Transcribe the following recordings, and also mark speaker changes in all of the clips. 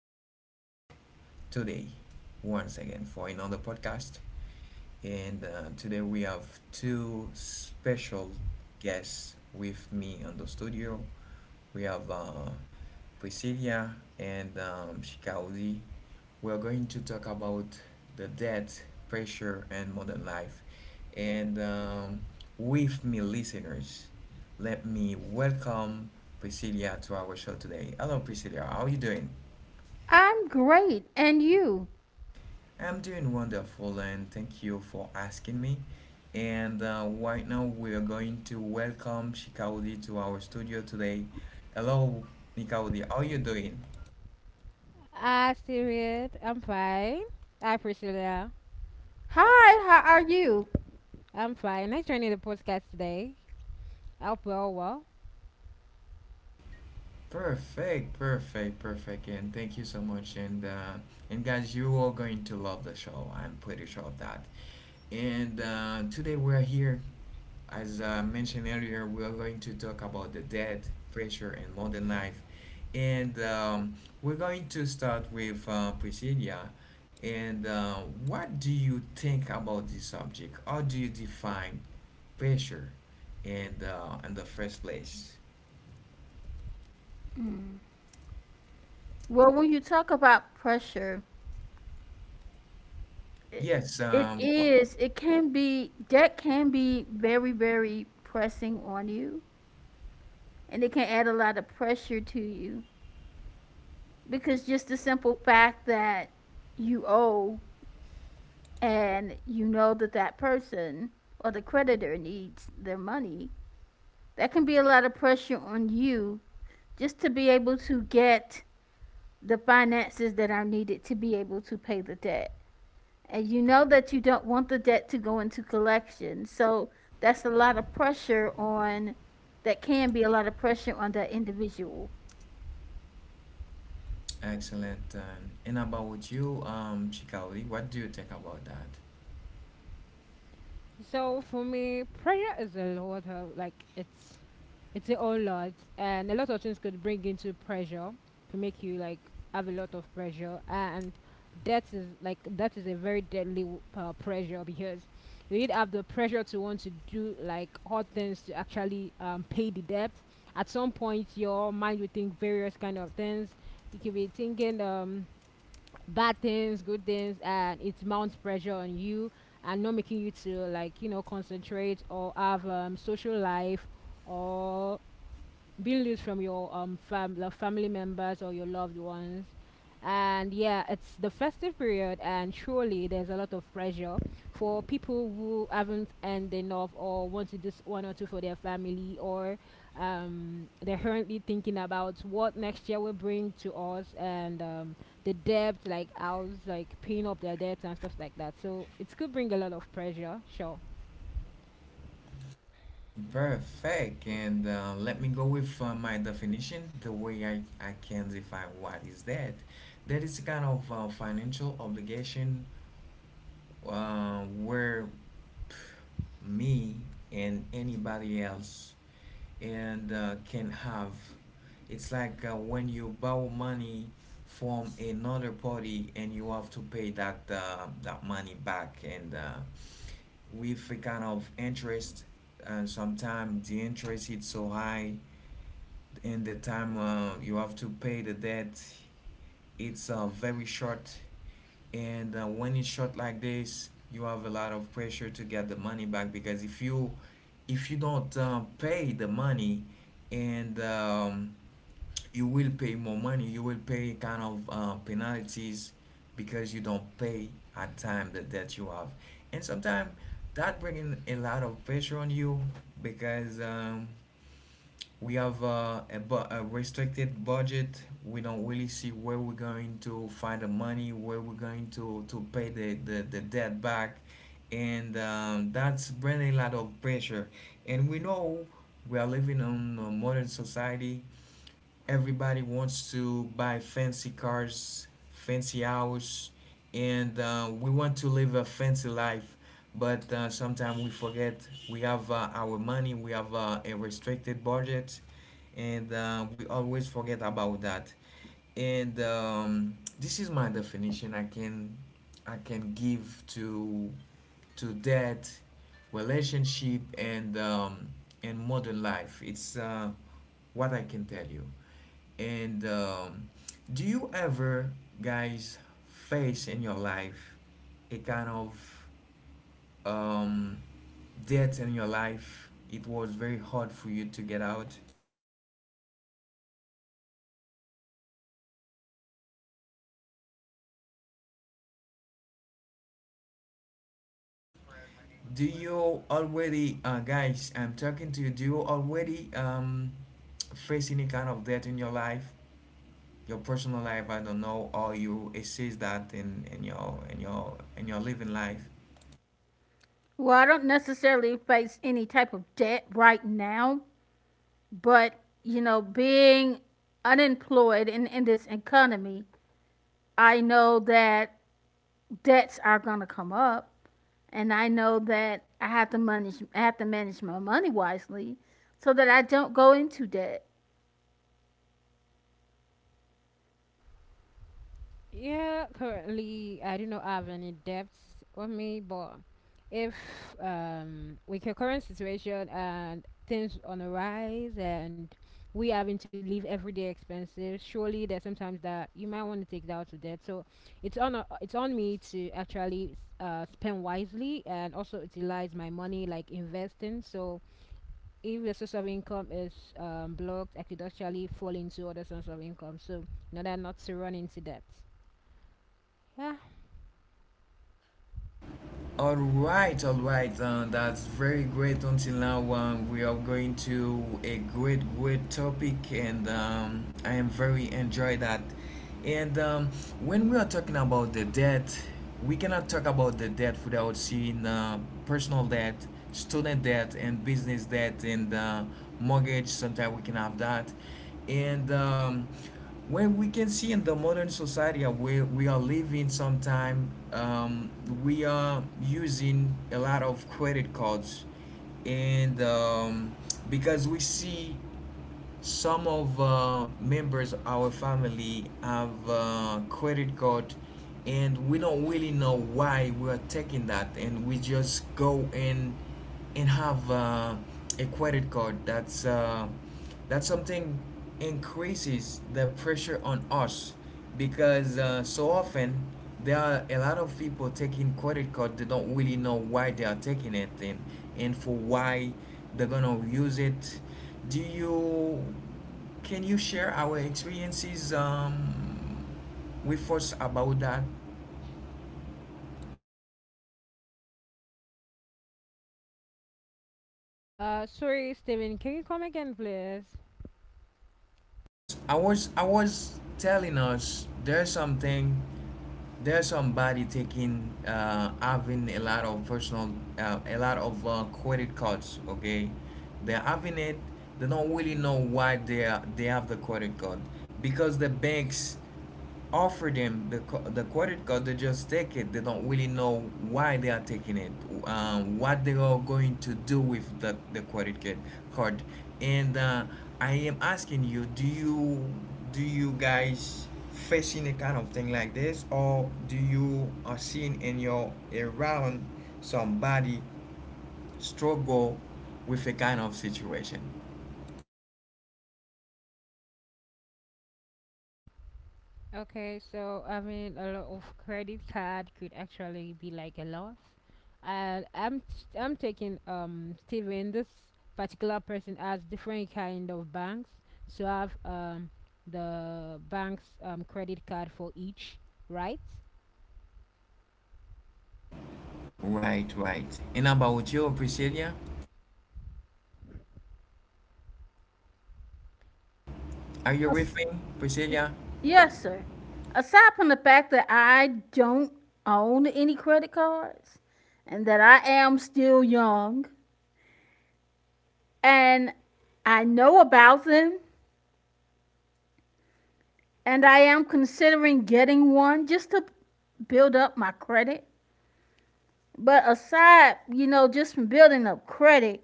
Speaker 1: are back today once again for another podcast and today we have two special guests with me on the studio. We have Priscilla and Shikaudi. We are going to talk about the debt, pressure, and modern life. And with me, listeners, let me welcome Priscilla to our show today. Hello, Priscilla. How are you doing?
Speaker 2: I'm great. And you?
Speaker 1: I'm doing wonderful and thank you for asking me. And right now we are going to welcome Shikaudi to our studio today. Hello, Nikaudi, how are you doing?
Speaker 2: Hi, how are you?
Speaker 1: Perfect, perfect, perfect, and thank you so much. And guys, you are going to love the show. I'm pretty sure of that. And today we're here. As I mentioned earlier, we are going to talk about the debt, pressure, and modern life. And we're going to start with Priscilla. And what do you think about this subject? How do you define pressure and in the first place?
Speaker 2: Well, when you talk about pressure, it,
Speaker 1: Yes,
Speaker 2: it
Speaker 1: um, wha-
Speaker 2: is, it can be, that can be very, very pressing on you. And it can add a lot of pressure to you because just the simple fact that you owe and you know that that person or the creditor needs their money, that can be a lot of pressure on you just to be able to get the finances that are needed to be able to pay the debt. And you know that you don't want the debt to go into collection. So that's a lot of pressure on, that can be a lot of pressure on that individual.
Speaker 1: excellent. And about you, Shikali, what do you think about that? Perfect. And let me go with my definition, the way I can define what is that. That is kind of financial obligation where me and anybody else and can have. It's like when you borrow money from another party and you have to pay that money back and with a kind of interest, and sometimes the interest is so high and the time you have to pay the debt, it's very short. And when it's short like this, you have a lot of pressure to get the money back, because if you don't pay the money and you will pay more money, you will pay kind of penalties because you don't pay at time that you have. And sometimes that bringing a lot of pressure on you, because we have a restricted budget, we don't really see where we're going to find the money, where we're going to pay the debt back. And that's bringing a lot of pressure, and we know we are living in a modern society. Everybody wants to buy fancy cars, fancy hours, and we want to live a fancy life. But sometimes we forget we have our money, we have a restricted budget, and we always forget about that. And this is my definition I can give to that relationship and modern life. It's what I can tell you. And do you ever, guys, face in your life a kind of um, debt in your life? It was very hard for you to get out. Do you already, guys? I'm talking to you. Do you already face any kind of debt in your life, your personal life? I don't know, or you assist that in in your living life.
Speaker 2: Well, I don't necessarily face any type of debt right now, but you know, being unemployed in this economy, I know that debts are going to come up, and I know that I have to manage my money wisely so that I don't go into debt.
Speaker 1: All right, all right. That's very great. Until now, we are going to a great, great topic, and I am very enjoy that. And when we are talking about the debt, we cannot talk about the debt without seeing personal debt, student debt, and business debt, and mortgage. Sometimes we can have that, and when we can see in the modern society where we are living sometime, we are using a lot of credit cards, and because we see some of members of our family have credit card, and we don't really know why we are taking that, and we just go and have a credit card. That's that's something increases the pressure on us, because so often there are a lot of people taking credit card, they don't really know why they are taking it, and for why they're gonna use it. Do you can you share our experiences with us about that? I was telling us there's something, there's somebody taking having a lot of personal a lot of credit cards, okay. They're having it, they don't really know why they have the credit card, because the banks offer them the credit card, they just take it, they don't really know why they are taking it, what they are going to do with the credit card. And I am asking you, do you do you guys facing a kind of thing like this, or do you are seeing in your around somebody struggle with a kind of situation? Right, right. And about you, Priscilla, are you with
Speaker 2: As-
Speaker 1: me,
Speaker 2: y-
Speaker 1: Priscilla?
Speaker 2: Yes, sir. Aside from the fact that I don't own any credit cards and that I am still young and I know about them, and I am considering getting one just to build up my credit. But aside, you know, just from building up credit,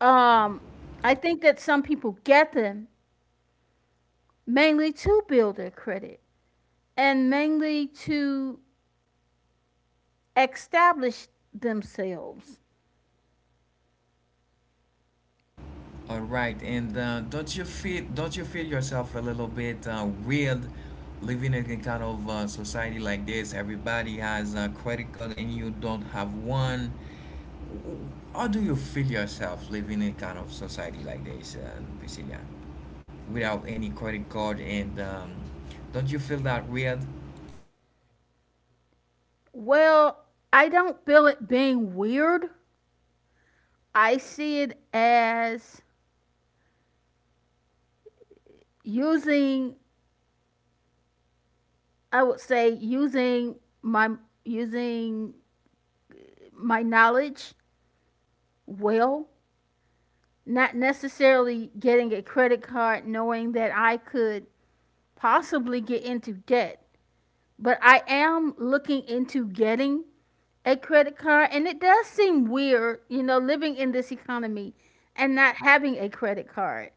Speaker 2: um, I think that some people get them mainly to build their credit and mainly to establish themselves.
Speaker 1: All right. And don't you feel yourself a little bit weird living in a kind of society like this? Everybody has a credit card, and you don't have one. How do you feel yourself living in a kind of society like this, Priscilla, without any credit card? And don't you feel that weird?
Speaker 2: Well, I don't feel it being weird. I see it as using, I would say, using my using my knowledge well, not necessarily getting a credit card knowing that I could possibly get into debt. But I am looking into getting a credit card, and it does seem weird, you know, living in this economy and not having a credit card.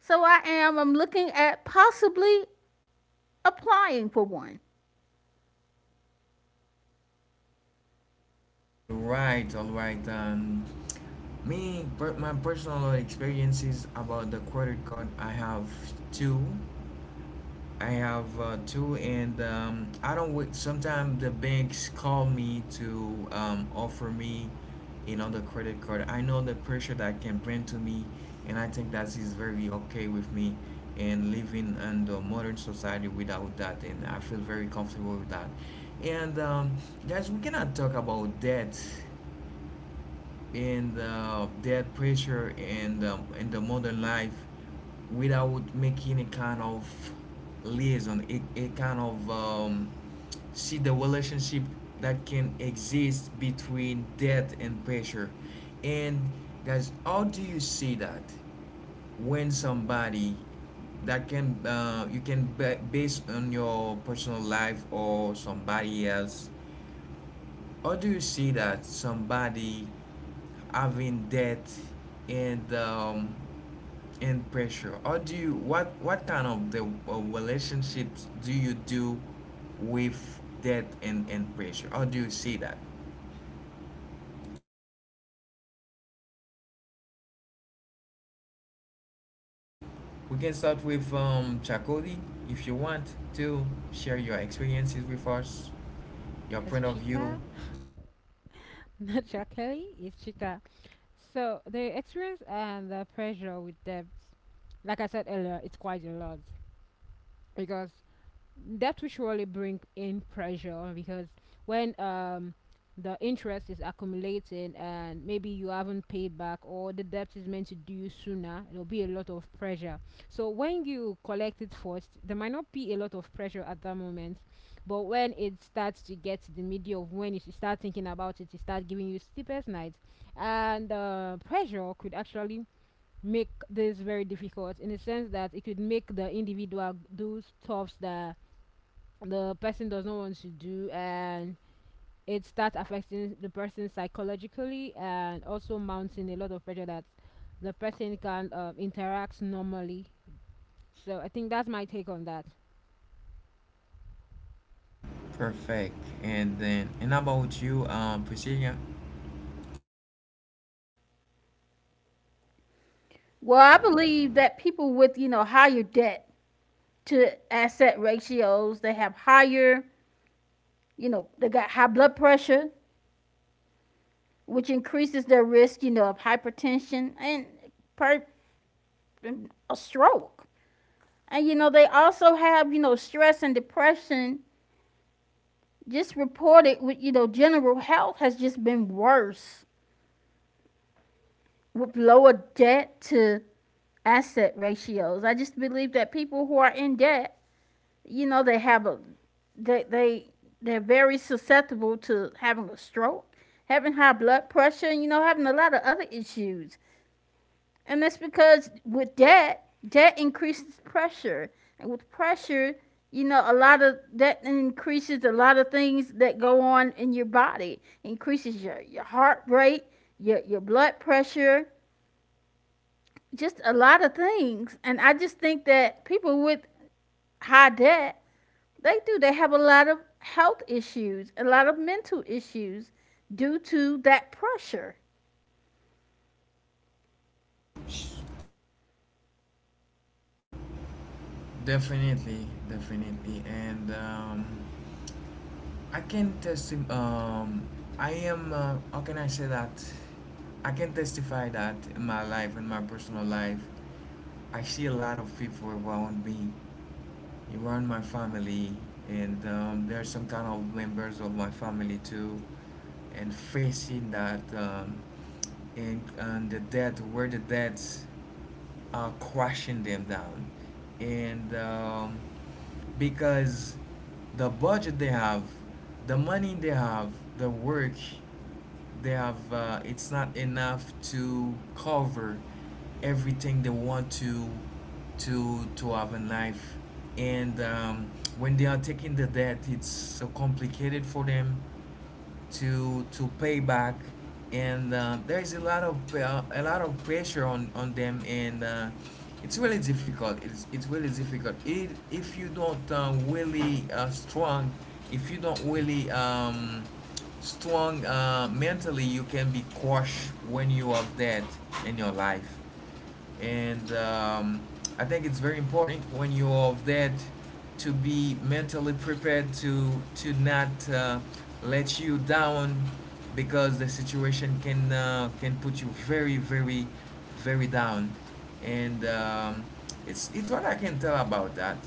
Speaker 2: So I'm looking at possibly applying for one.
Speaker 1: Right, all right. Me, my personal experiences about the credit card, I have two. I have two, and I don't. Wait. Sometimes the banks call me to offer me another credit card. I know the pressure that can bring to me, and I think that is very okay with me. And living in the modern society without that, and I feel very comfortable with that. And guys, we cannot talk about debt and that pressure and in the modern life without making a kind of liaison, a kind of see the relationship that can exist between debt and pressure. And guys, how do you see that when somebody that can you can base on your personal life or somebody else, or do you see that somebody having debt and um, and pressure? Or do you what kind of the relationships do you do with debt and pressure? Or do you see that? We can start with Chakodi if you want to share your experiences with us, your point of view. Perfect. And then and how about you, Priscilla?
Speaker 2: Well, I believe that people with, you know, higher debt to asset ratios, they have higher, you know, they got high blood pressure, which increases their risk, you know, of hypertension and per- a stroke. And you know, they also have, you know, stress and depression just reported with, you know, general health has just been worse with lower debt to asset ratios. I just believe that people who are in debt, you know, they have a they they're very susceptible to having a stroke, having high blood pressure, and you know, having a lot of other issues. And that's because with debt, debt increases pressure. And with pressure, you know, a lot of that increases a lot of things that go on in your body. It increases your heart rate, your blood pressure, just a lot of things. And I just think that people with high debt, they do. They have a lot of health issues, a lot of mental issues due to that pressure.
Speaker 1: Definitely, definitely, and I can testi Um, I am. How can I say that? I can testify that in my life, in my personal life, I see a lot of people around me, around my family, and there are some kind of members of my family too, and facing that and the death, where the death crashing them down. And because the budget they have, the money they have, the work they have, it's not enough to cover everything they want to to have in life. And when they are taking the debt, it's so complicated for them to pay back, and there is a lot of pressure on them, and it's really difficult. It's really difficult. It, if you don't really strong, if you don't really strong mentally, you can be crushed when you have that in your life, and I think it's very important when you're of that to be mentally prepared to not let you down, because the situation can put you very very very down. And it's what I can tell about that.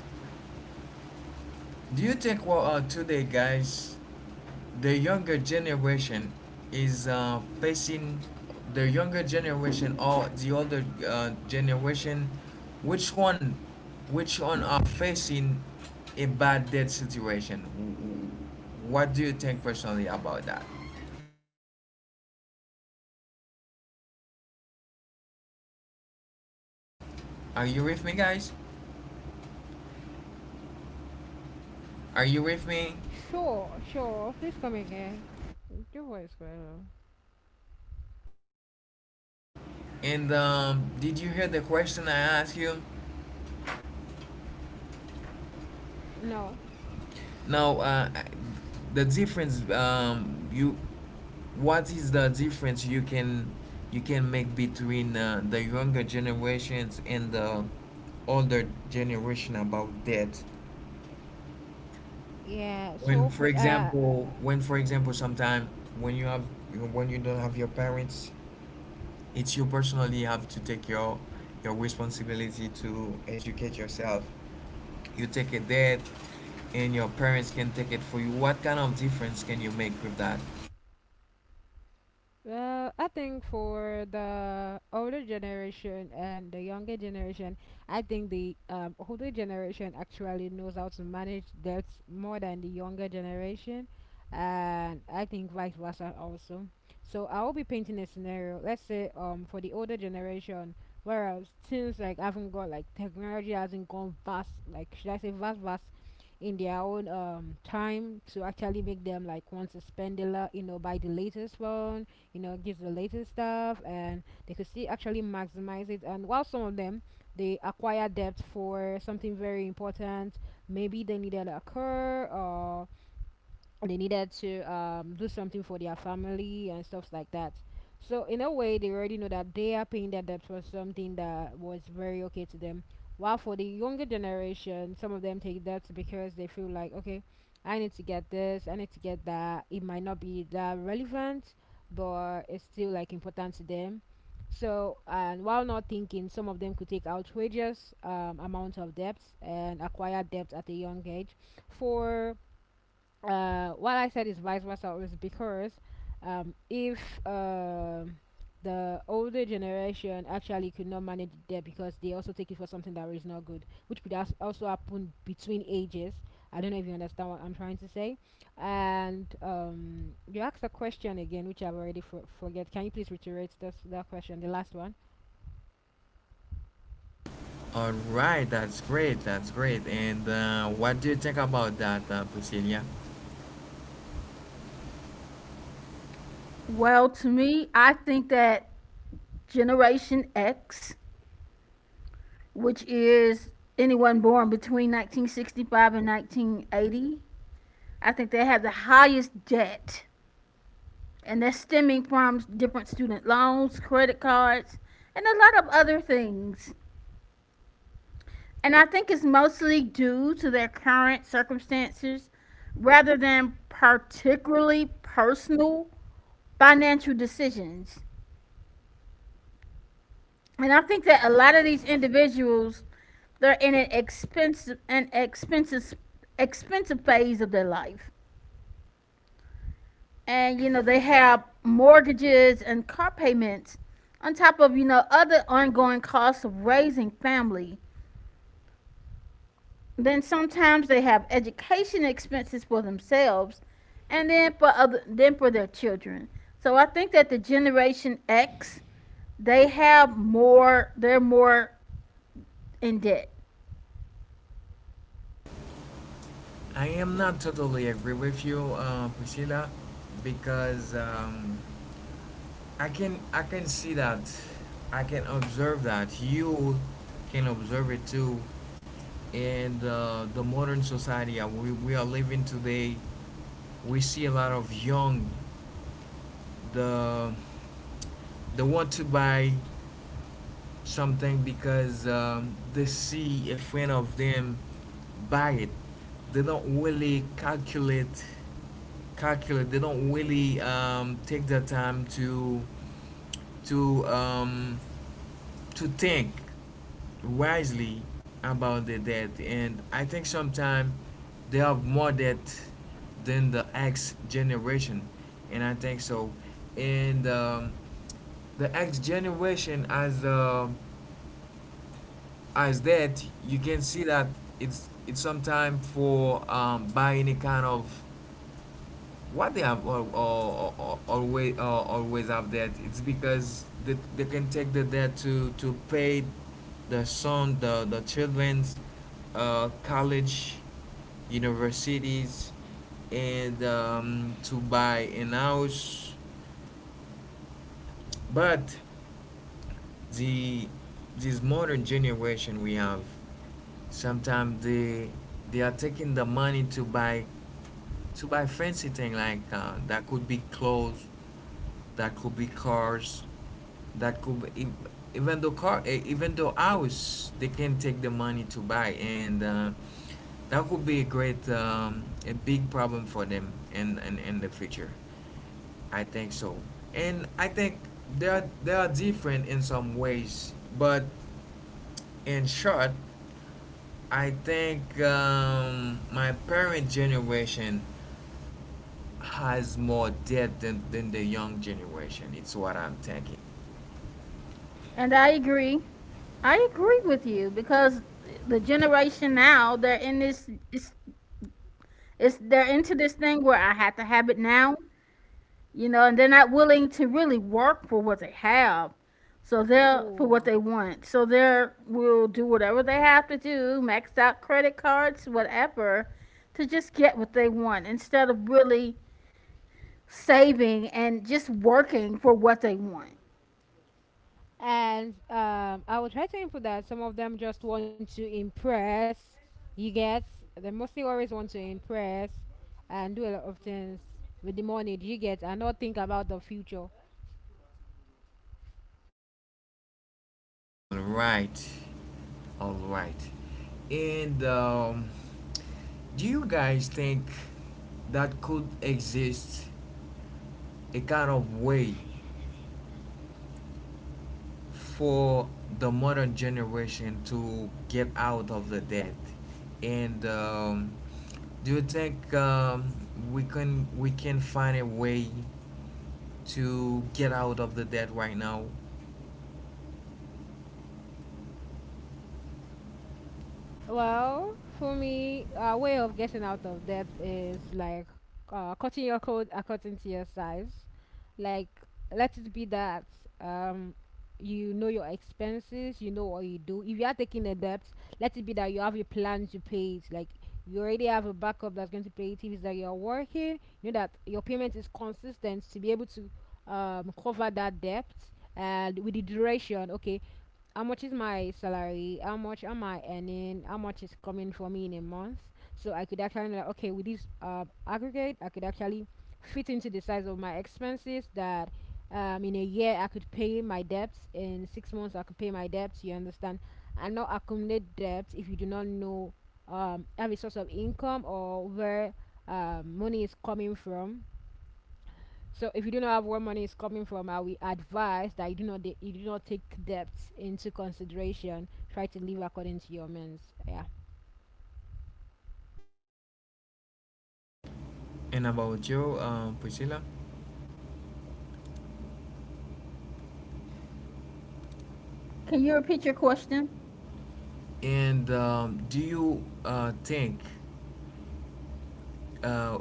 Speaker 1: Do you think well, today, guys, the younger generation is facing the younger generation or the older generation? Which one, which one are facing a bad debt situation? What do you think personally about that? Are you with me, guys? Are you with me? And did you hear the question I asked you? Now, the difference you what is the difference you can make between the younger generations and the older generation about that? When, for example, sometime when you have when you don't have your parents, it's you personally have to take your responsibility to educate yourself. You take a debt, and your parents can take it for you. What kind of difference can you make with that? All right, that's great. That's great. And what do you think about that, Priscilla?
Speaker 2: Well, to me, I think that Generation X, which is anyone born between 1965 and 1980. I think they have the highest debt, and that's stemming from different student loans, credit cards, and a lot of other things. And I think it's mostly due to their current circumstances rather than particularly personal financial decisions. And I think that a lot of these individuals, they're in an expensive phase of their life, and you know, they have mortgages and car payments on top of, you know, other ongoing costs of raising family. Then sometimes they have education expenses for themselves, and then for other then for their children. So I think that the Generation X, they're more in debt.
Speaker 1: I am not totally agree with you, Priscilla, because I can see that I can observe that you can observe it too, and the modern society we are living today. We see a lot of young the they want to buy something because they see a friend of them buy it. They don't really calculate. They don't really take the time to um, to think wisely about the debt. And I think sometimes they have more debt than the X generation, and I think so. And The X generation, as that, you can see that it's sometime for buy any kind of what they have always have debt. It's because they can take the debt to pay the son, the children's college, universities, and to buy an house. But the, this modern generation we have, sometimes they are taking the money to buy, to buy fancy thing like that could be clothes, that could be cars, that could be, e, even though car, eh, even though house. They can take the money to buy, and that could be a great a big problem for them in the future, I think so. And I think they are different in some ways, but in short, I think my parent generation has more debt than the young generation. It's what I'm thinking.
Speaker 2: And I agree with you, because the generation now, they're in this it's they're into this thing where I have to have it now, you know, and they're not willing to really work for what they have. So they're for what they want. So they're will do whatever they have to do, maxed out credit cards, whatever, to just get what they want instead of really saving and just working for what they want.
Speaker 1: All right, all right. And Do you guys think that could exist a kind of way for the modern generation to get out of the debt? And do you think, we can find a way to get out of the debt right now? And about you, Priscilla?
Speaker 2: Can you repeat your question?
Speaker 1: And Do you, think, uh,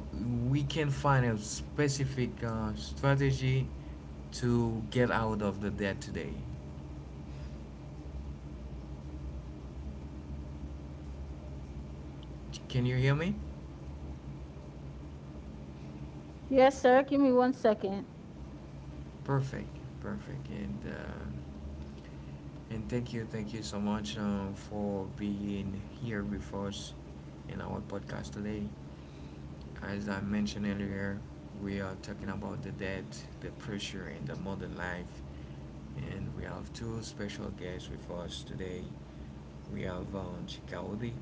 Speaker 1: we can find a specific strategy to get out of the debt today? Can you hear me?
Speaker 2: Yes, sir. Give me one second.
Speaker 1: Perfect, perfect, and thank you so much for being here with us in our podcast today. As I mentioned earlier, we are talking about the debt, the pressure in the modern life, and we have two special guests with us today. We have Chikaudi,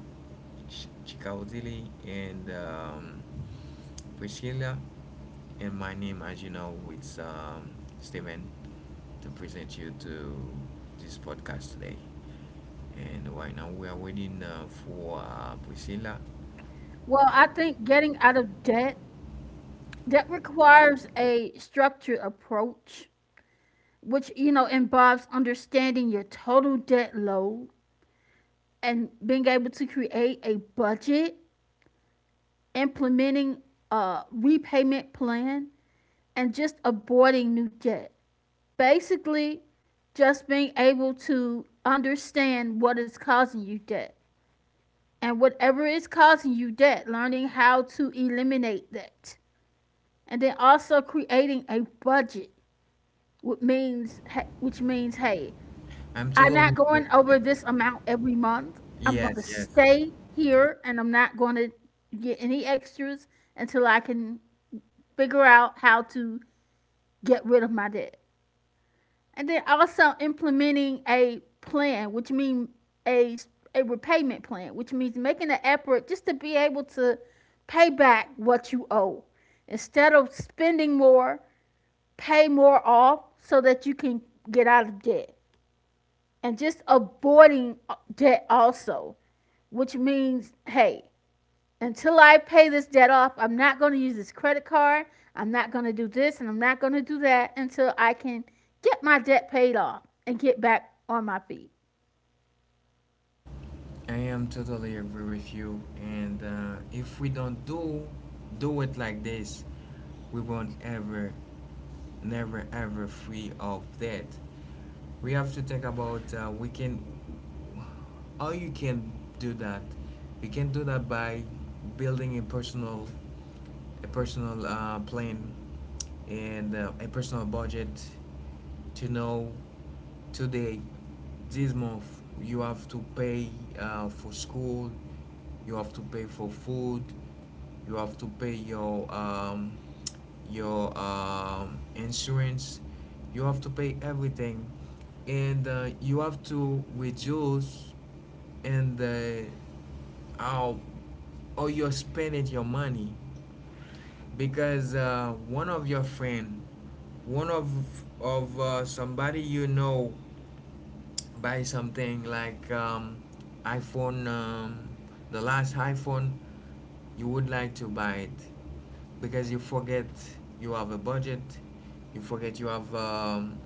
Speaker 1: Chikaudili, and Priscilla. And my name, as you know, is Steven, to present you to this podcast today. And right now we are waiting for Priscilla.
Speaker 2: Well, I think getting out of debt, that requires a structured approach, which you know involves understanding your total debt load and being able to create a budget, implementing a repayment plan, and just avoiding new debt. Basically, just being able to understand what is causing you debt. And whatever is causing you debt, learning how to eliminate that. And then also creating a budget, which means, hey,
Speaker 1: I'm
Speaker 2: I'm not
Speaker 1: totally
Speaker 2: going
Speaker 1: nervous.
Speaker 2: over this amount every month. I'm going to
Speaker 1: Yes, yes.
Speaker 2: stay here and I'm not going to get any extras until I can figure out how to get rid of my debt. And then also implementing a plan, which means a repayment plan, which means making an effort just to be able to pay back what you owe. Instead of spending more, pay more off so that you can get out of debt. And just avoiding debt also, which means, hey, until I pay this debt off, I'm not going to use this credit card. I'm not going to do this and I'm not going to do that until I can get my debt paid off and get back on my feet.
Speaker 1: I am totally agree with you. And if we don't do it like this, we won't ever, never, ever free of that. We have to think about, we can, how you can do that. You can do that by building a personal, a personal plan, and a personal budget, to know today this month you have to pay for school, you have to pay for food, you have to pay your insurance, you have to pay everything. And you have to reduce, and how how you're spending your money. Because one of your friend, one of somebody you know, buy something like iPhone, the last iPhone, you would like to buy it because you forget you have a budget, you forget you have,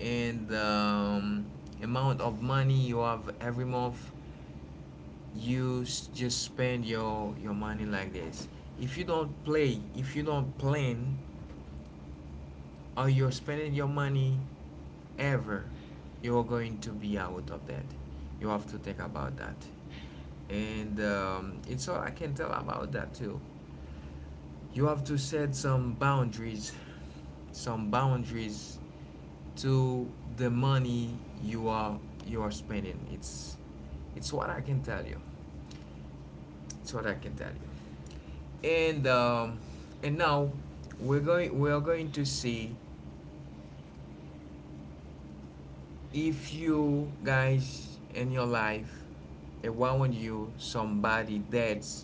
Speaker 1: and amount of money you have every month. You just spend your money like this. If you don't play, if you don't plan or you're spending your money ever, you're going to be out of that. You have to think about that. And It's all I can tell about that too. You have to set some boundaries to the money you are, you are spending. It's what I can tell you. It's what I can tell you. And um, and now we are going to see if you guys in your life, around you, somebody that's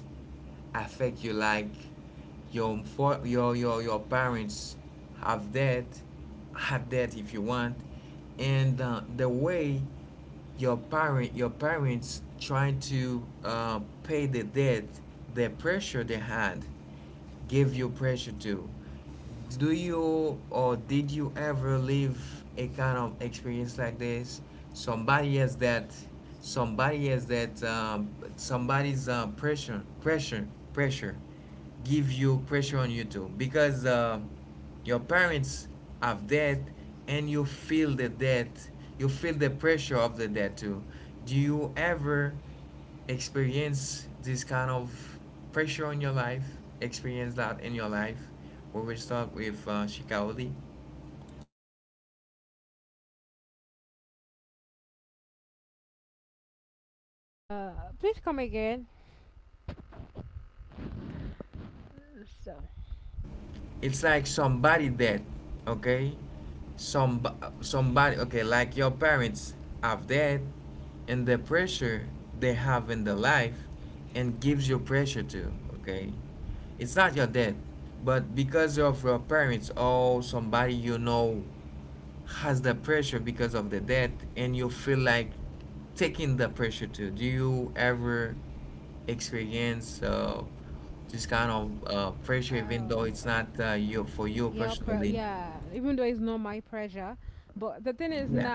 Speaker 1: affect you, like your, for your parents have that, had that, if you want. And the way your parent, your parents trying to pay the debt, the pressure they had, give you pressure too. Do you, or did you ever live a kind of experience like this? Somebody has that, somebody has that, somebody's pressure give you pressure on you too? Because your parents have that, and you feel the debt, you feel the pressure of the debt too. Do you ever experience this kind of pressure on your life, experience that in your life? We will start with Shikaoli. It's like somebody dead, okay, some, somebody, okay, like your parents have dead, and the pressure they have in the life, and gives you pressure too, okay. It's not your dad, but because of your parents or somebody you know has the pressure because of the debt, and you feel like taking the pressure too. Do you ever experience this kind of pressure, even though it's not, you, for you personally? Yeah.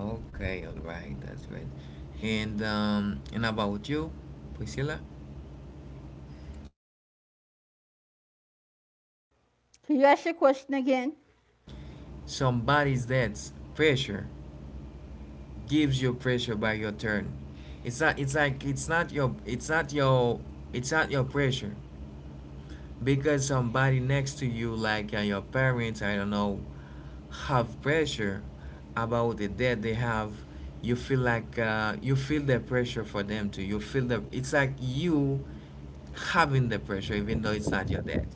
Speaker 1: Okay, all right, that's great. And about you, Priscilla?
Speaker 2: Can you ask your question again?
Speaker 1: Somebody's debts pressure gives you pressure by your turn. It's not, it's like, it's not your pressure, because somebody next to you, like your parents, I don't know, have pressure about the debt they have. You feel like, you feel the pressure for them too. You feel, the it's like you having the pressure, even though it's not your debt.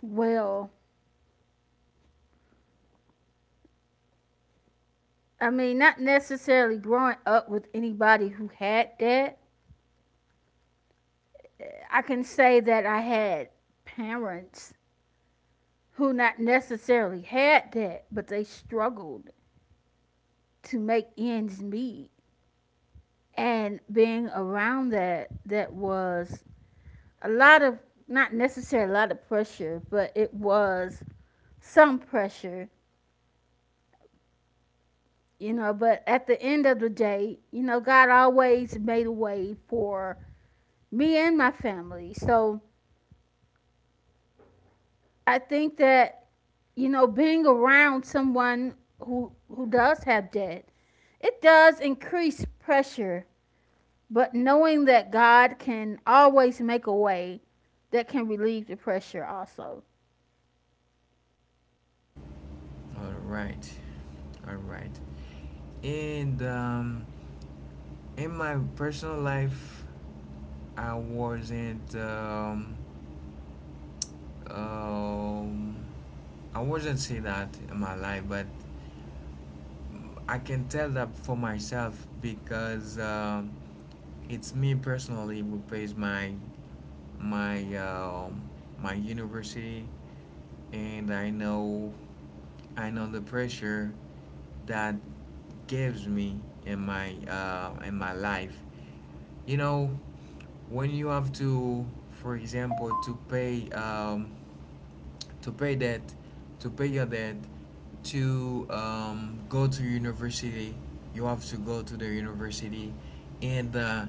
Speaker 2: Well, I mean, not necessarily growing up with anybody who had debt. I can say that I had parents who not necessarily had debt, but they struggled to make ends meet, and being around that was a lot of, not necessarily a lot of pressure, but it was some pressure, you know. But at the end of the day, you know, God always made a way for me and my family. So I think that, you know, being around someone who does have debt, it does increase pressure. But knowing that God can always make a way, that can relieve the pressure also.
Speaker 1: All right, all right. And In my personal life, I wasn't. Um, I wasn't see that in my life, but I can tell that for myself, because it's me personally who pays my um my university. And I know, I know the pressure that gives me in my life. You know, when you have to, for example, to pay debt, to pay your debt, to go to university. You have to go to the university, and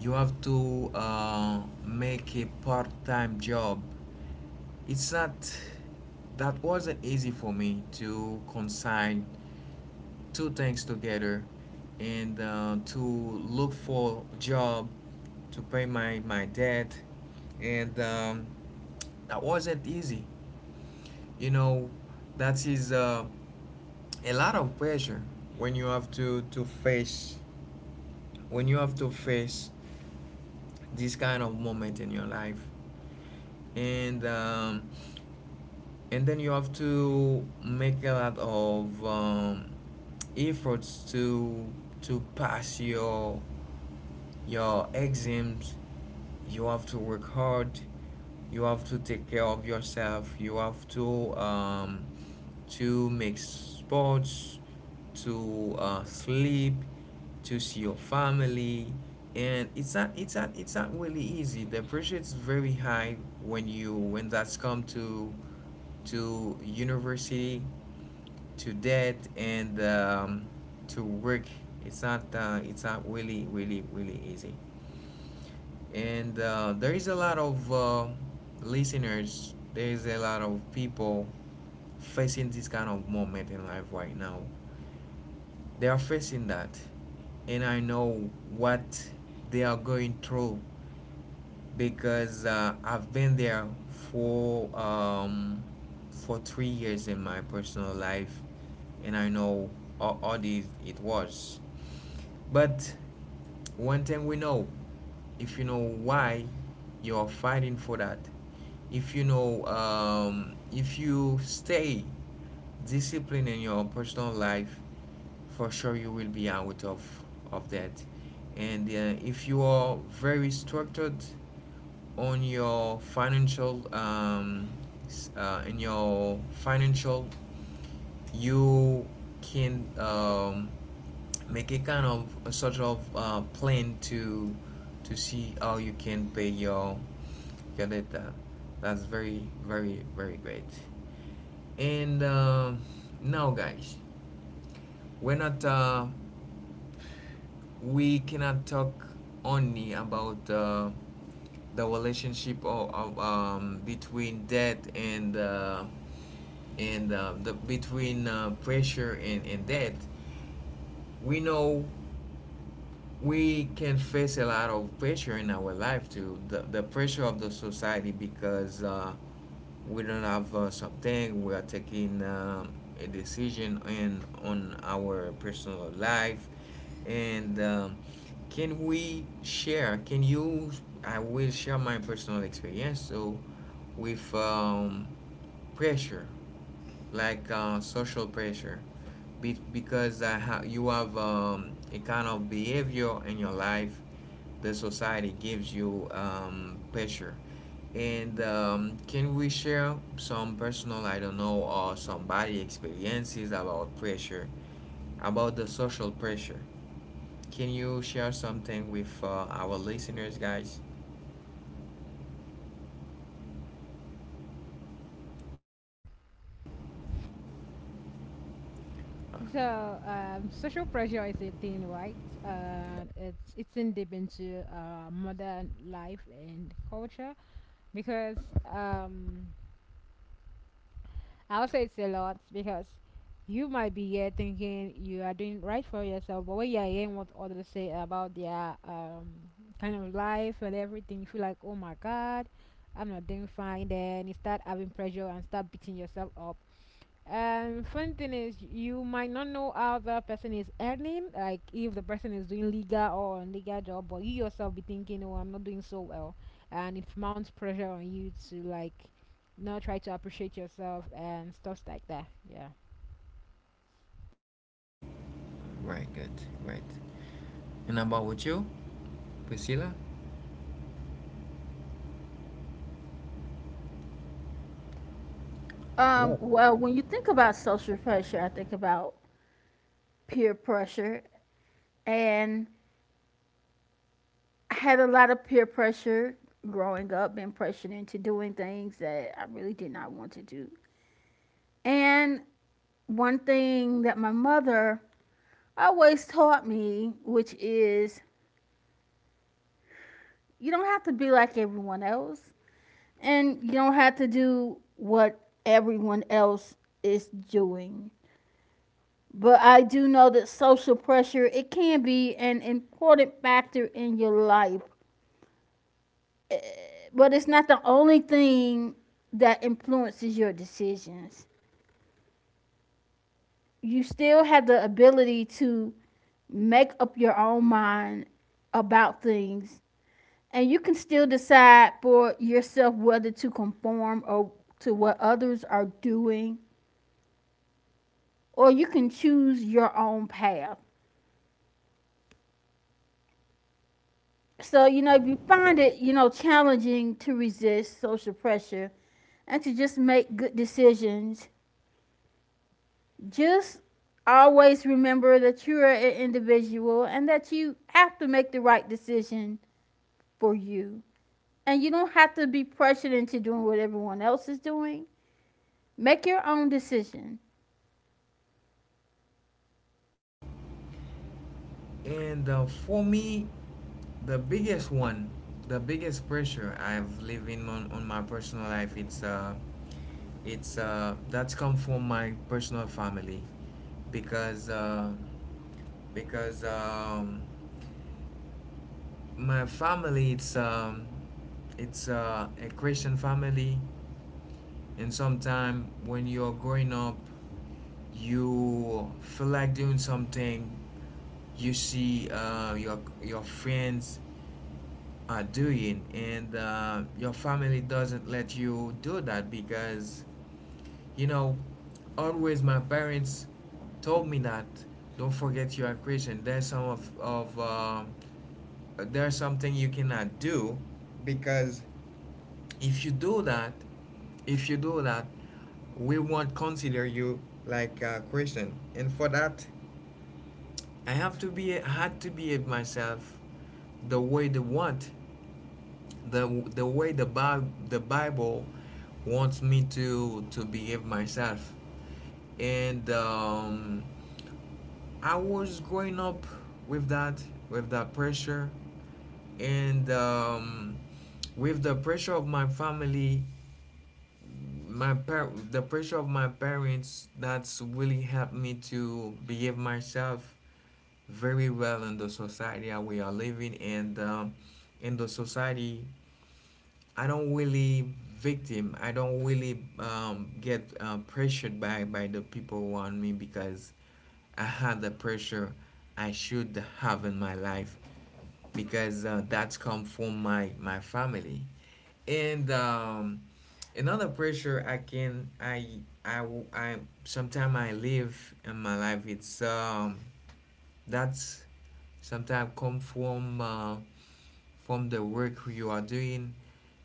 Speaker 1: you have to make a part-time job. It's not, that wasn't easy for me to consign two things together, and to look for a job, to pay my debt, and that wasn't easy, you know. That is a lot of pressure when you have to face, when you have to face this kind of moment in your life. and um, and then you have to make a lot of efforts to pass your exams, you have to work hard, you have to take care of yourself, you have to, to make sports, to sleep, to see your family. And it's not really easy, the pressure is very high when you, when that's come to university, to debt, and to work. It's not, it's not really, really, really easy. And there is a lot of listeners, there is a lot of people facing this kind of moment in life right now, they are facing that. And I know what they are going through, because I've been there for 3 years in my personal life. And I know how it, it was. But one thing we know, if you know why you're fighting for that, if you know, if you stay disciplined in your personal life, for sure you will be out of that. And if you are very structured on your financial, in your financial, you can, make a kind of a sort of plan to see how you can pay your data. That's very, very, very great. And now, guys, we're not uh, we cannot talk only about the relationship of between debt and the, between pressure and debt. We know we can face a lot of pressure in our life too, the pressure of the society. Because we don't have something, we are taking a decision in, on our personal life. And Can we share, can you, I will share my personal experience so, with pressure, like social pressure. Because you have a kind of behavior in your life, the society gives you pressure. And Can we share some personal, I don't know, or somebody experiences about pressure, about the social pressure? Can you share something with our listeners, guys? Right, good. Right. And about with you, Priscilla? Hello.
Speaker 2: Well, when you think about social pressure, I think about peer pressure. And I had a lot of peer pressure growing up, being pressured into doing things that I really did not want to do. And one thing that my mother always taught me, which is you don't have to be like everyone else, and you don't have to do what everyone else is doing. But I do know that social pressure, it can be an important factor in your life, but it's not the only thing that influences your decisions. You still have the ability to make up your own mind about things, and you can still decide for yourself whether to conform or to what others are doing, or you can choose your own path. So, you know, if you find it, you know, challenging to resist social pressure and to just make good decisions, just always remember that you're an individual and that you have to make the right decision for you. And you don't have to be pressured into doing what everyone else is doing. Make your own decision.
Speaker 1: And for me, the biggest one, the biggest pressure I've living on my personal life, it's that's come from my personal family. Because because um, my family, it's a Christian family. And sometimes when you're growing up, you feel like doing something. You see your friends are doing and your family doesn't let you do that because you know always my parents told me that don't forget you are Christian. There's some of there's something you cannot do because if you do that if you do that we won't consider you like a Christian. And for that I have to be, had to behave myself the way they want, the the way the the Bible wants me to behave myself, and I was growing up with that, with that pressure, and with the pressure of my family, the pressure of my parents. That's really helped me to behave myself very well in the society that we are living. And in the society I don't really victim. I don't really get pressured by the people around me, because I had the pressure I should have in my life, because that's come from my family, and another pressure I can, I sometimes I live in my life. It's that's sometimes come from the work you are doing,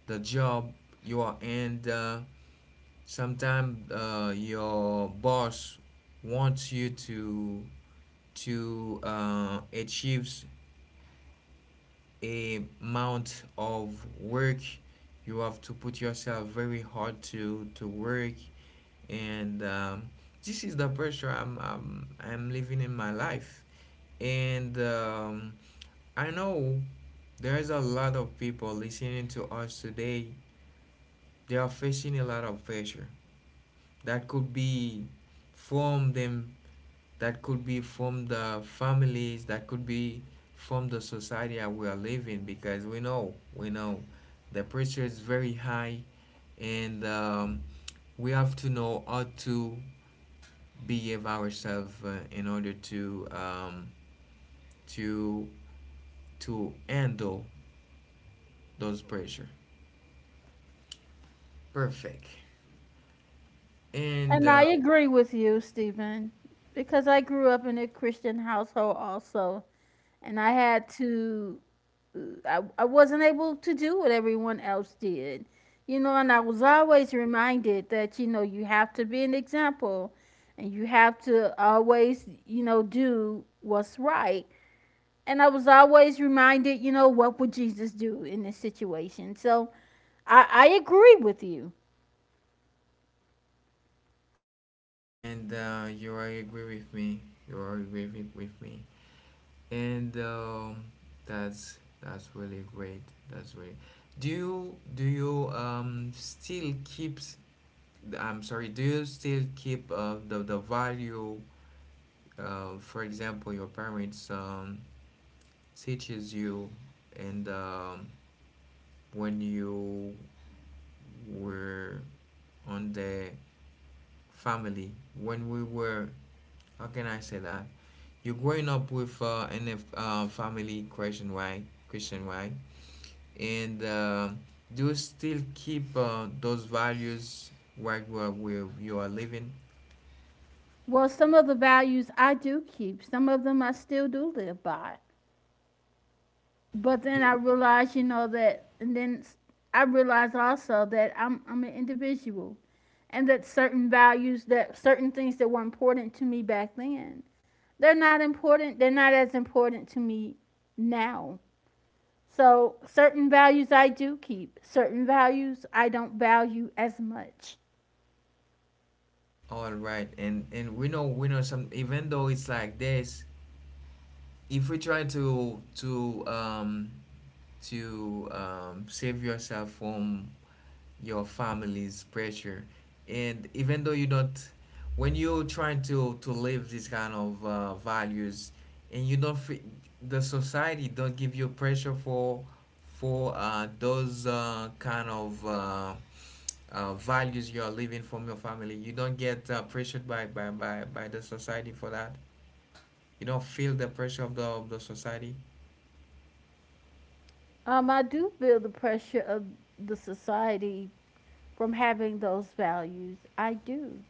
Speaker 1: the job you are in. Sometimes your boss wants you to achieves a amount of work. You have to put yourself very hard to work, and this is the pressure I'm living in my life, and I know there's a lot of people listening to us today. They are facing a lot of pressure. That could be from them, that could be from the families, that could be from the society that we are living, because we know the pressure is very high, and we have to know how to behave ourselves in order to to to handle those pressure perfect. and
Speaker 2: And
Speaker 1: uh,
Speaker 2: I agree with you, Stephen, because I grew up in a Christian household also, and I had to, uh, I wasn't able to do what everyone else did. You know, and I was always reminded that, you know, you have to be an example and you have to always, you know, do what's right. And I was always reminded, you know, what would Jesus do in this situation? So I agree with you.
Speaker 1: you are agree with me, you are agree with me. And that's really great. That's really. Do you still keep? I'm sorry. Do you still keep the value? For example, your parents teaches you, and when you were on the family, when we were, how can I say that? You're growing up with in a family Christian, right? Christian, right? and do still keep those values where you are, where you are living.
Speaker 2: Well, some of the values I do keep, some of them I still do live by. But then
Speaker 1: Yeah.
Speaker 2: I realize, you know, that, and then I realize also that I'm an individual, and that certain values, that certain things that were important to me back then, they're not as important to me now. So certain values I do keep, certain values I don't value as much.
Speaker 1: All right, and we know, some even though it's like this, if we try to save yourself from your family's pressure, and even though you don't, when you're trying to live these kind of values, and you don't fe- the society don't give you pressure for those kind of values you're living from your family, you don't get pressured by, the society for that. You don't feel the pressure of the society,
Speaker 2: I do feel the pressure of the society from having those values. I do.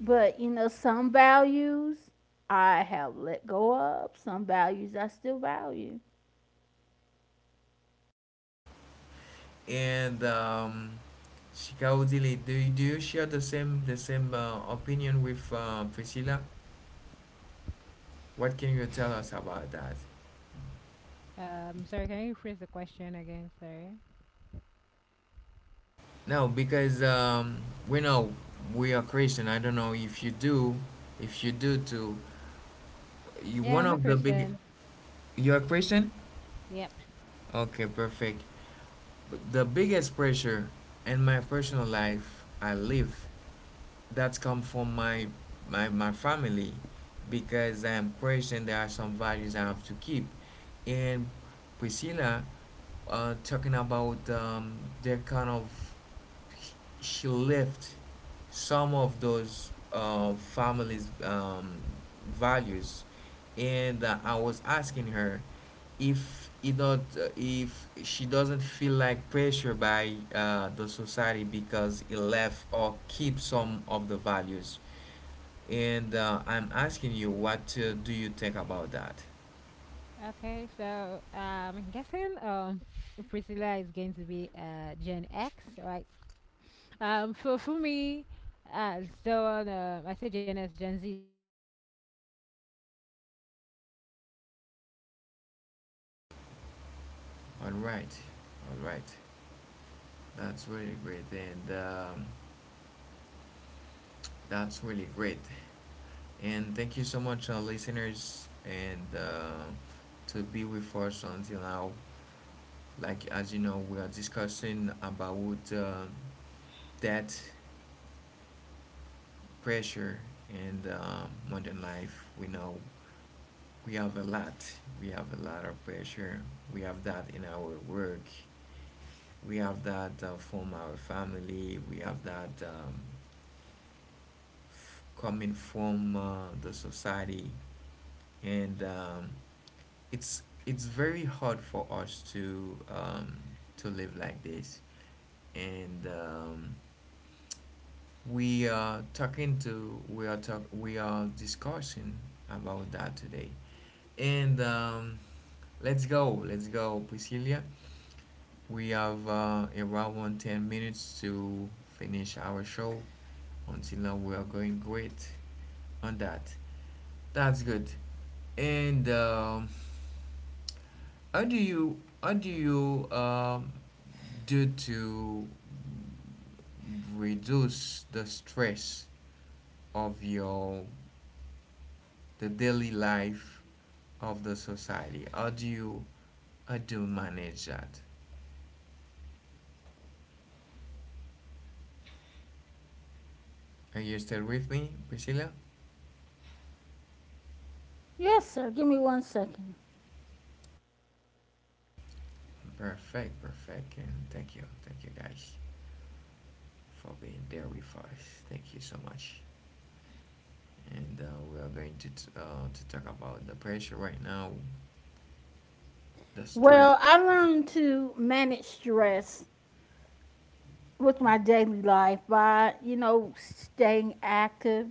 Speaker 2: But, you know, some values I have let go of, some values I still value.
Speaker 1: and Shikaudili, do you share the same opinion with Priscilla? What can you tell us about that? No, because we know we are Christian. I don't know if you do too. You one of the big. You are Christian? Okay, perfect. The biggest pressure in my personal life I live, that's come from my my family, because I am Christian. There are some values I have to keep, and Priscilla talking about their kind of, she left some of those families values, and I was asking her if it not, if she doesn't feel like pressure by the society because it left or keep some of the values, and I'm asking you what do you think about that. All right, all right, that's really great. And That's really great. And thank you so much, listeners, and to be with us until now. Like, as you know, we are discussing about debt, pressure, and modern life. We know we have a lot. We have a lot of pressure. We have that in our work. We have that from our family. We have that coming from the society. And it's very hard for us to live like this, and we are talking to we are talk we are discussing about that today, and let's go, Priscilla. We have around 10 minutes to finish our show. Until now, we are going great on that. That's good. And how do you, how do you um, do to reduce the stress of your the daily life of the society? How do you, manage that? Are you still with me, Priscilla?
Speaker 2: Yes, sir. Give me one second.
Speaker 1: Perfect, perfect, and thank you guys for being there with us. Thank you so much. And we are going to to talk about the pressure right now, the stress.
Speaker 2: Well, I learned to manage stress with my daily life by, you know, staying active,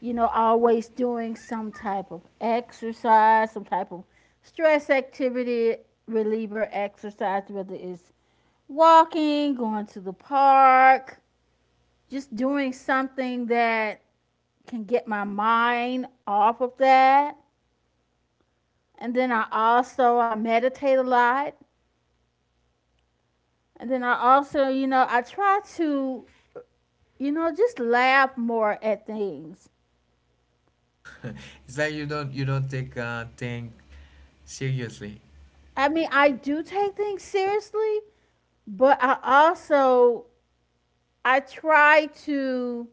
Speaker 2: you know, always doing some type of exercise, some type of stress activity reliever exercise, whether it's walking, going to the park, just doing something that can get my mind off of that. And then I also, I meditate a lot. And then I also, you know, you know, just laugh more at things.
Speaker 1: It's like you don't, take thing seriously.
Speaker 2: I mean, I do take things seriously, but I also, I try to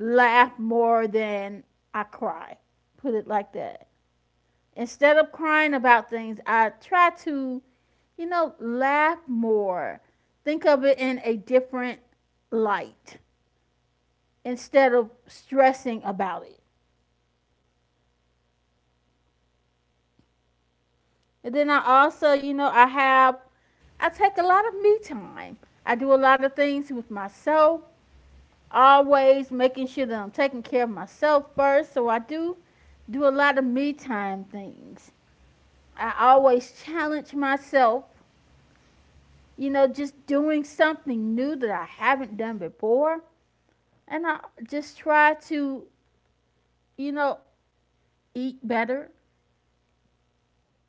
Speaker 2: laugh more than I cry. Put it like that. Instead of crying about things, I try to, you know, laugh more. Think of it in a different light instead of stressing about it. And then I also, you know, I take a lot of me time. I do a lot of things with myself, always making sure that I'm taking care of myself first. So I do do a lot of me time things. I always challenge myself, you know, just doing something new that I haven't done before. And I just try to, you know, eat better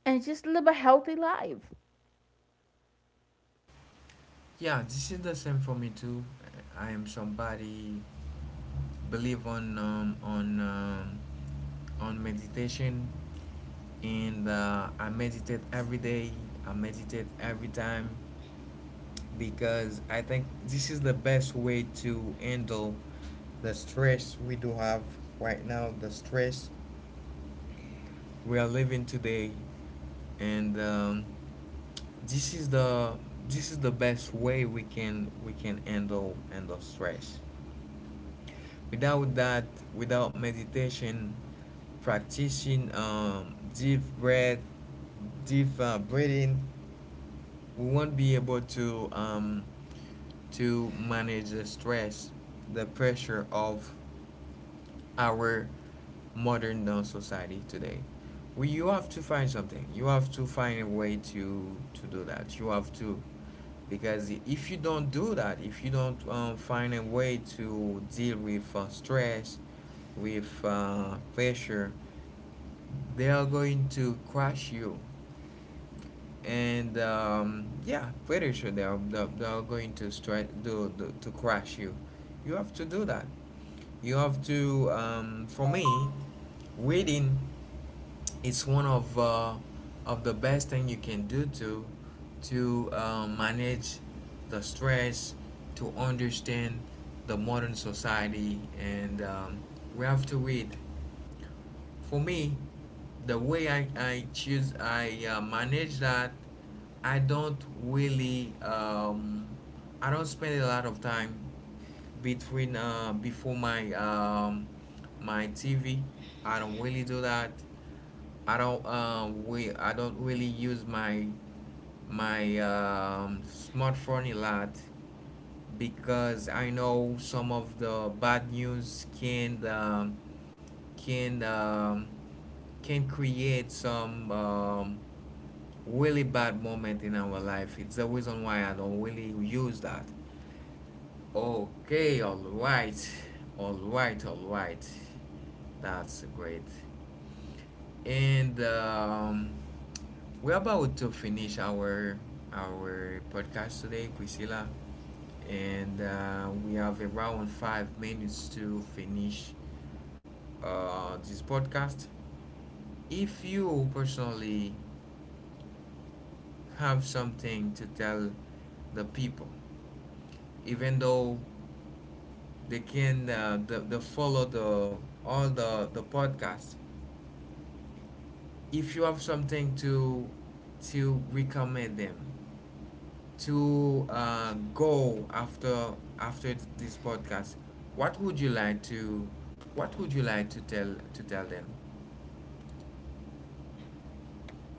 Speaker 2: and just live a healthy life.
Speaker 1: Yeah, this is the same for me too. I am somebody believe on on meditation, and I meditate every day. I meditate every time, because I think this is the best way to handle the stress we do have right now, the stress we are living today, and this is the, best way we can, we can handle stress. Without that, without meditation, practicing deep breath, deep breathing, we won't be able to manage the stress, the pressure of our modern society today. You have to find something. You have to find a way to do that. You have to, because if you don't do that, if you don't find a way to deal with stress, with pressure, they are going to crush you, and yeah, pretty sure they're going to strike do do to crash you. You have to do that. You have to. For me, reading is one of the best thing you can do to manage the stress, to understand the modern society, and we have to read. For me, the way I choose, I manage that, I don't really, I don't spend a lot of time between before my my TV. I don't really do that. I don't we I don't really use my smartphone a lot, because I know some of the bad news can can um, can create some really bad moment in our life. It's the reason why I don't really use that. Okay, all right, all right, all right. That's great. And we're about to finish our podcast today, Priscilla. And we have around 5 minutes to finish this podcast. If you personally have something to tell the people, even though they can the follow the all the podcast, if you have something to recommend them, to go after, this podcast, what would you like to, tell to tell them?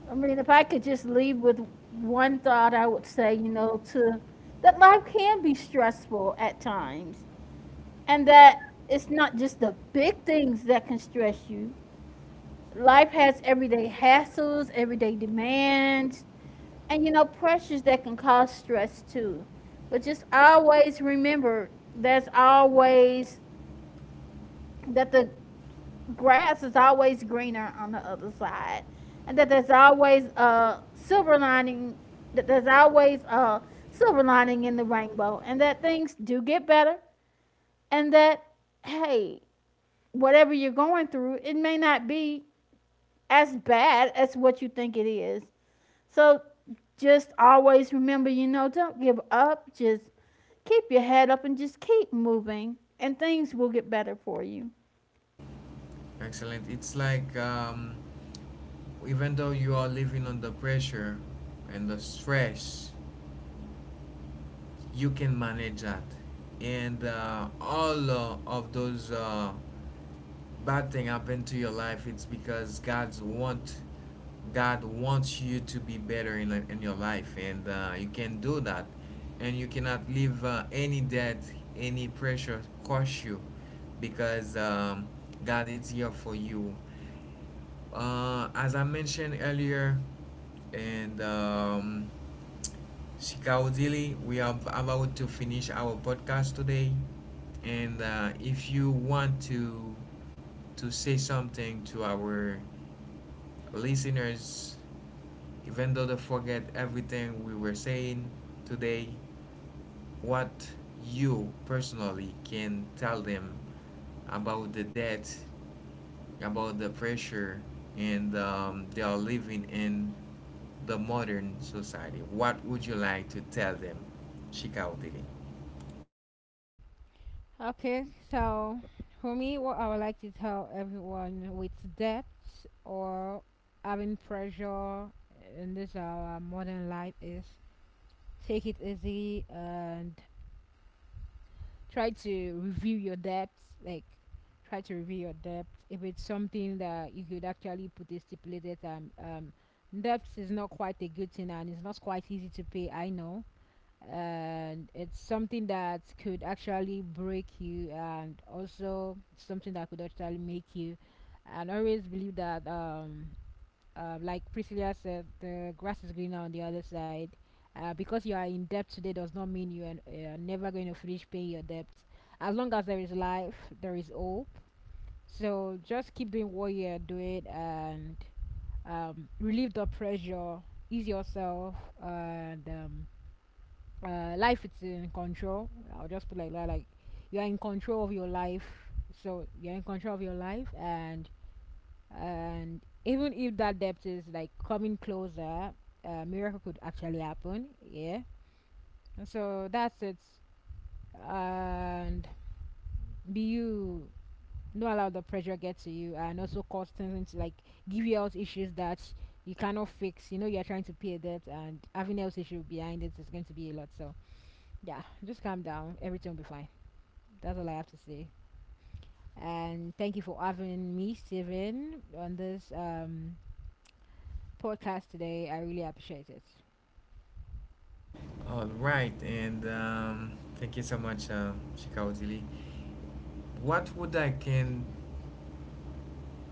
Speaker 2: I mean, if I could just leave with one thought, I would say, you know, to, that life can be stressful at times, and that it's not just the big things that can stress you. Life has everyday hassles, everyday demands, and you know, pressures that can cause stress too. But just always remember there's always that the grass is always greener on the other side, and that there's always a silver lining, that there's always a silver lining in the rainbow, and that things do get better, and that, hey, whatever you're going through, it may not be as bad as what you think it is. So just always remember, you know, don't give up. Just keep your head up and just keep moving, and things will get better for you.
Speaker 1: Excellent. It's like even though you are living under pressure and the stress, you can manage that. And all of those bad thing happen to your life, it's because God wants you to be better in your life, and you can do that. And you cannot leave any debt, any pressure crush you, because God is here for you. As I mentioned earlier, and Shikaudili. We are about to finish our podcast today, and if you want to say something to our listeners, even though they forget everything we were saying today, what you personally can tell them about the debt, about the pressure, and they are living in the modern society. What would you like to tell them, Shikaudili?
Speaker 3: Okay, so for me, what I would like to tell everyone with debts or having pressure in this our modern life is take it easy and try to review your debts. Like, try to review your debt. If it's something that you could actually put a stipulated time, debt is not quite a good thing and it's not quite easy to pay. I know, and it's something that could actually break you and also something that could actually make you and always believe that like Priscilla said, the grass is greener on the other side. Because you are in debt today does not mean you are never going to finish paying your debts. As long as there is life, there is hope. So just keep doing what you are doing and, relieve the pressure, ease yourself, and life is in control. I'll just put like that. Like, you are in control of your life, so you're in control of your life, and even if that depth is like coming closer, a miracle could actually happen. Yeah. And so that's it. And be you. Don't allow the pressure get to you, and also cause things into like give you health issues that you cannot fix. You know, you're trying to pay a debt, and having health issue behind it is going to be a lot. So yeah, just calm down. Everything will be fine. That's all I have to say. And thank you for having me, Steven, on this podcast today. I really appreciate it.
Speaker 1: All right, and thank you so much, Shikaudili. What would I can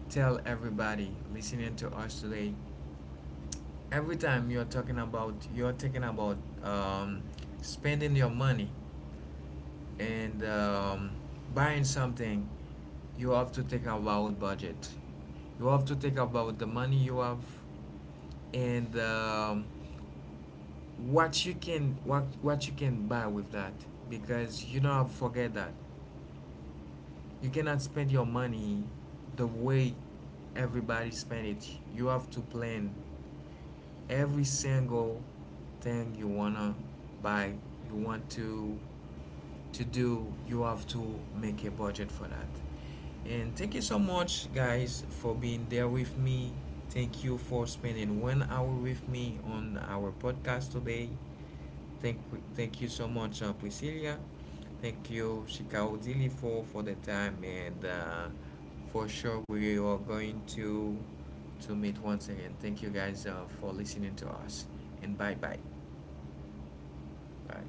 Speaker 1: tell everybody listening to us today? Every time you're talking about um, spending your money and buying something, you have to think about budget. You have to think about the money you have, and what you can, buy with that, because you don't have to forget that you cannot spend your money the way everybody spend it. You have to plan every single thing you wanna buy, you want to do. You have to make a budget for that. And thank you so much guys for being there with me, thank you for spending 1 hour with me on our podcast today. Thank, thank you so much, Priscilla. Thank you, Shikaudili, for the time. And for sure, we are going to meet once again. Thank you guys for listening to us. And bye bye. Bye.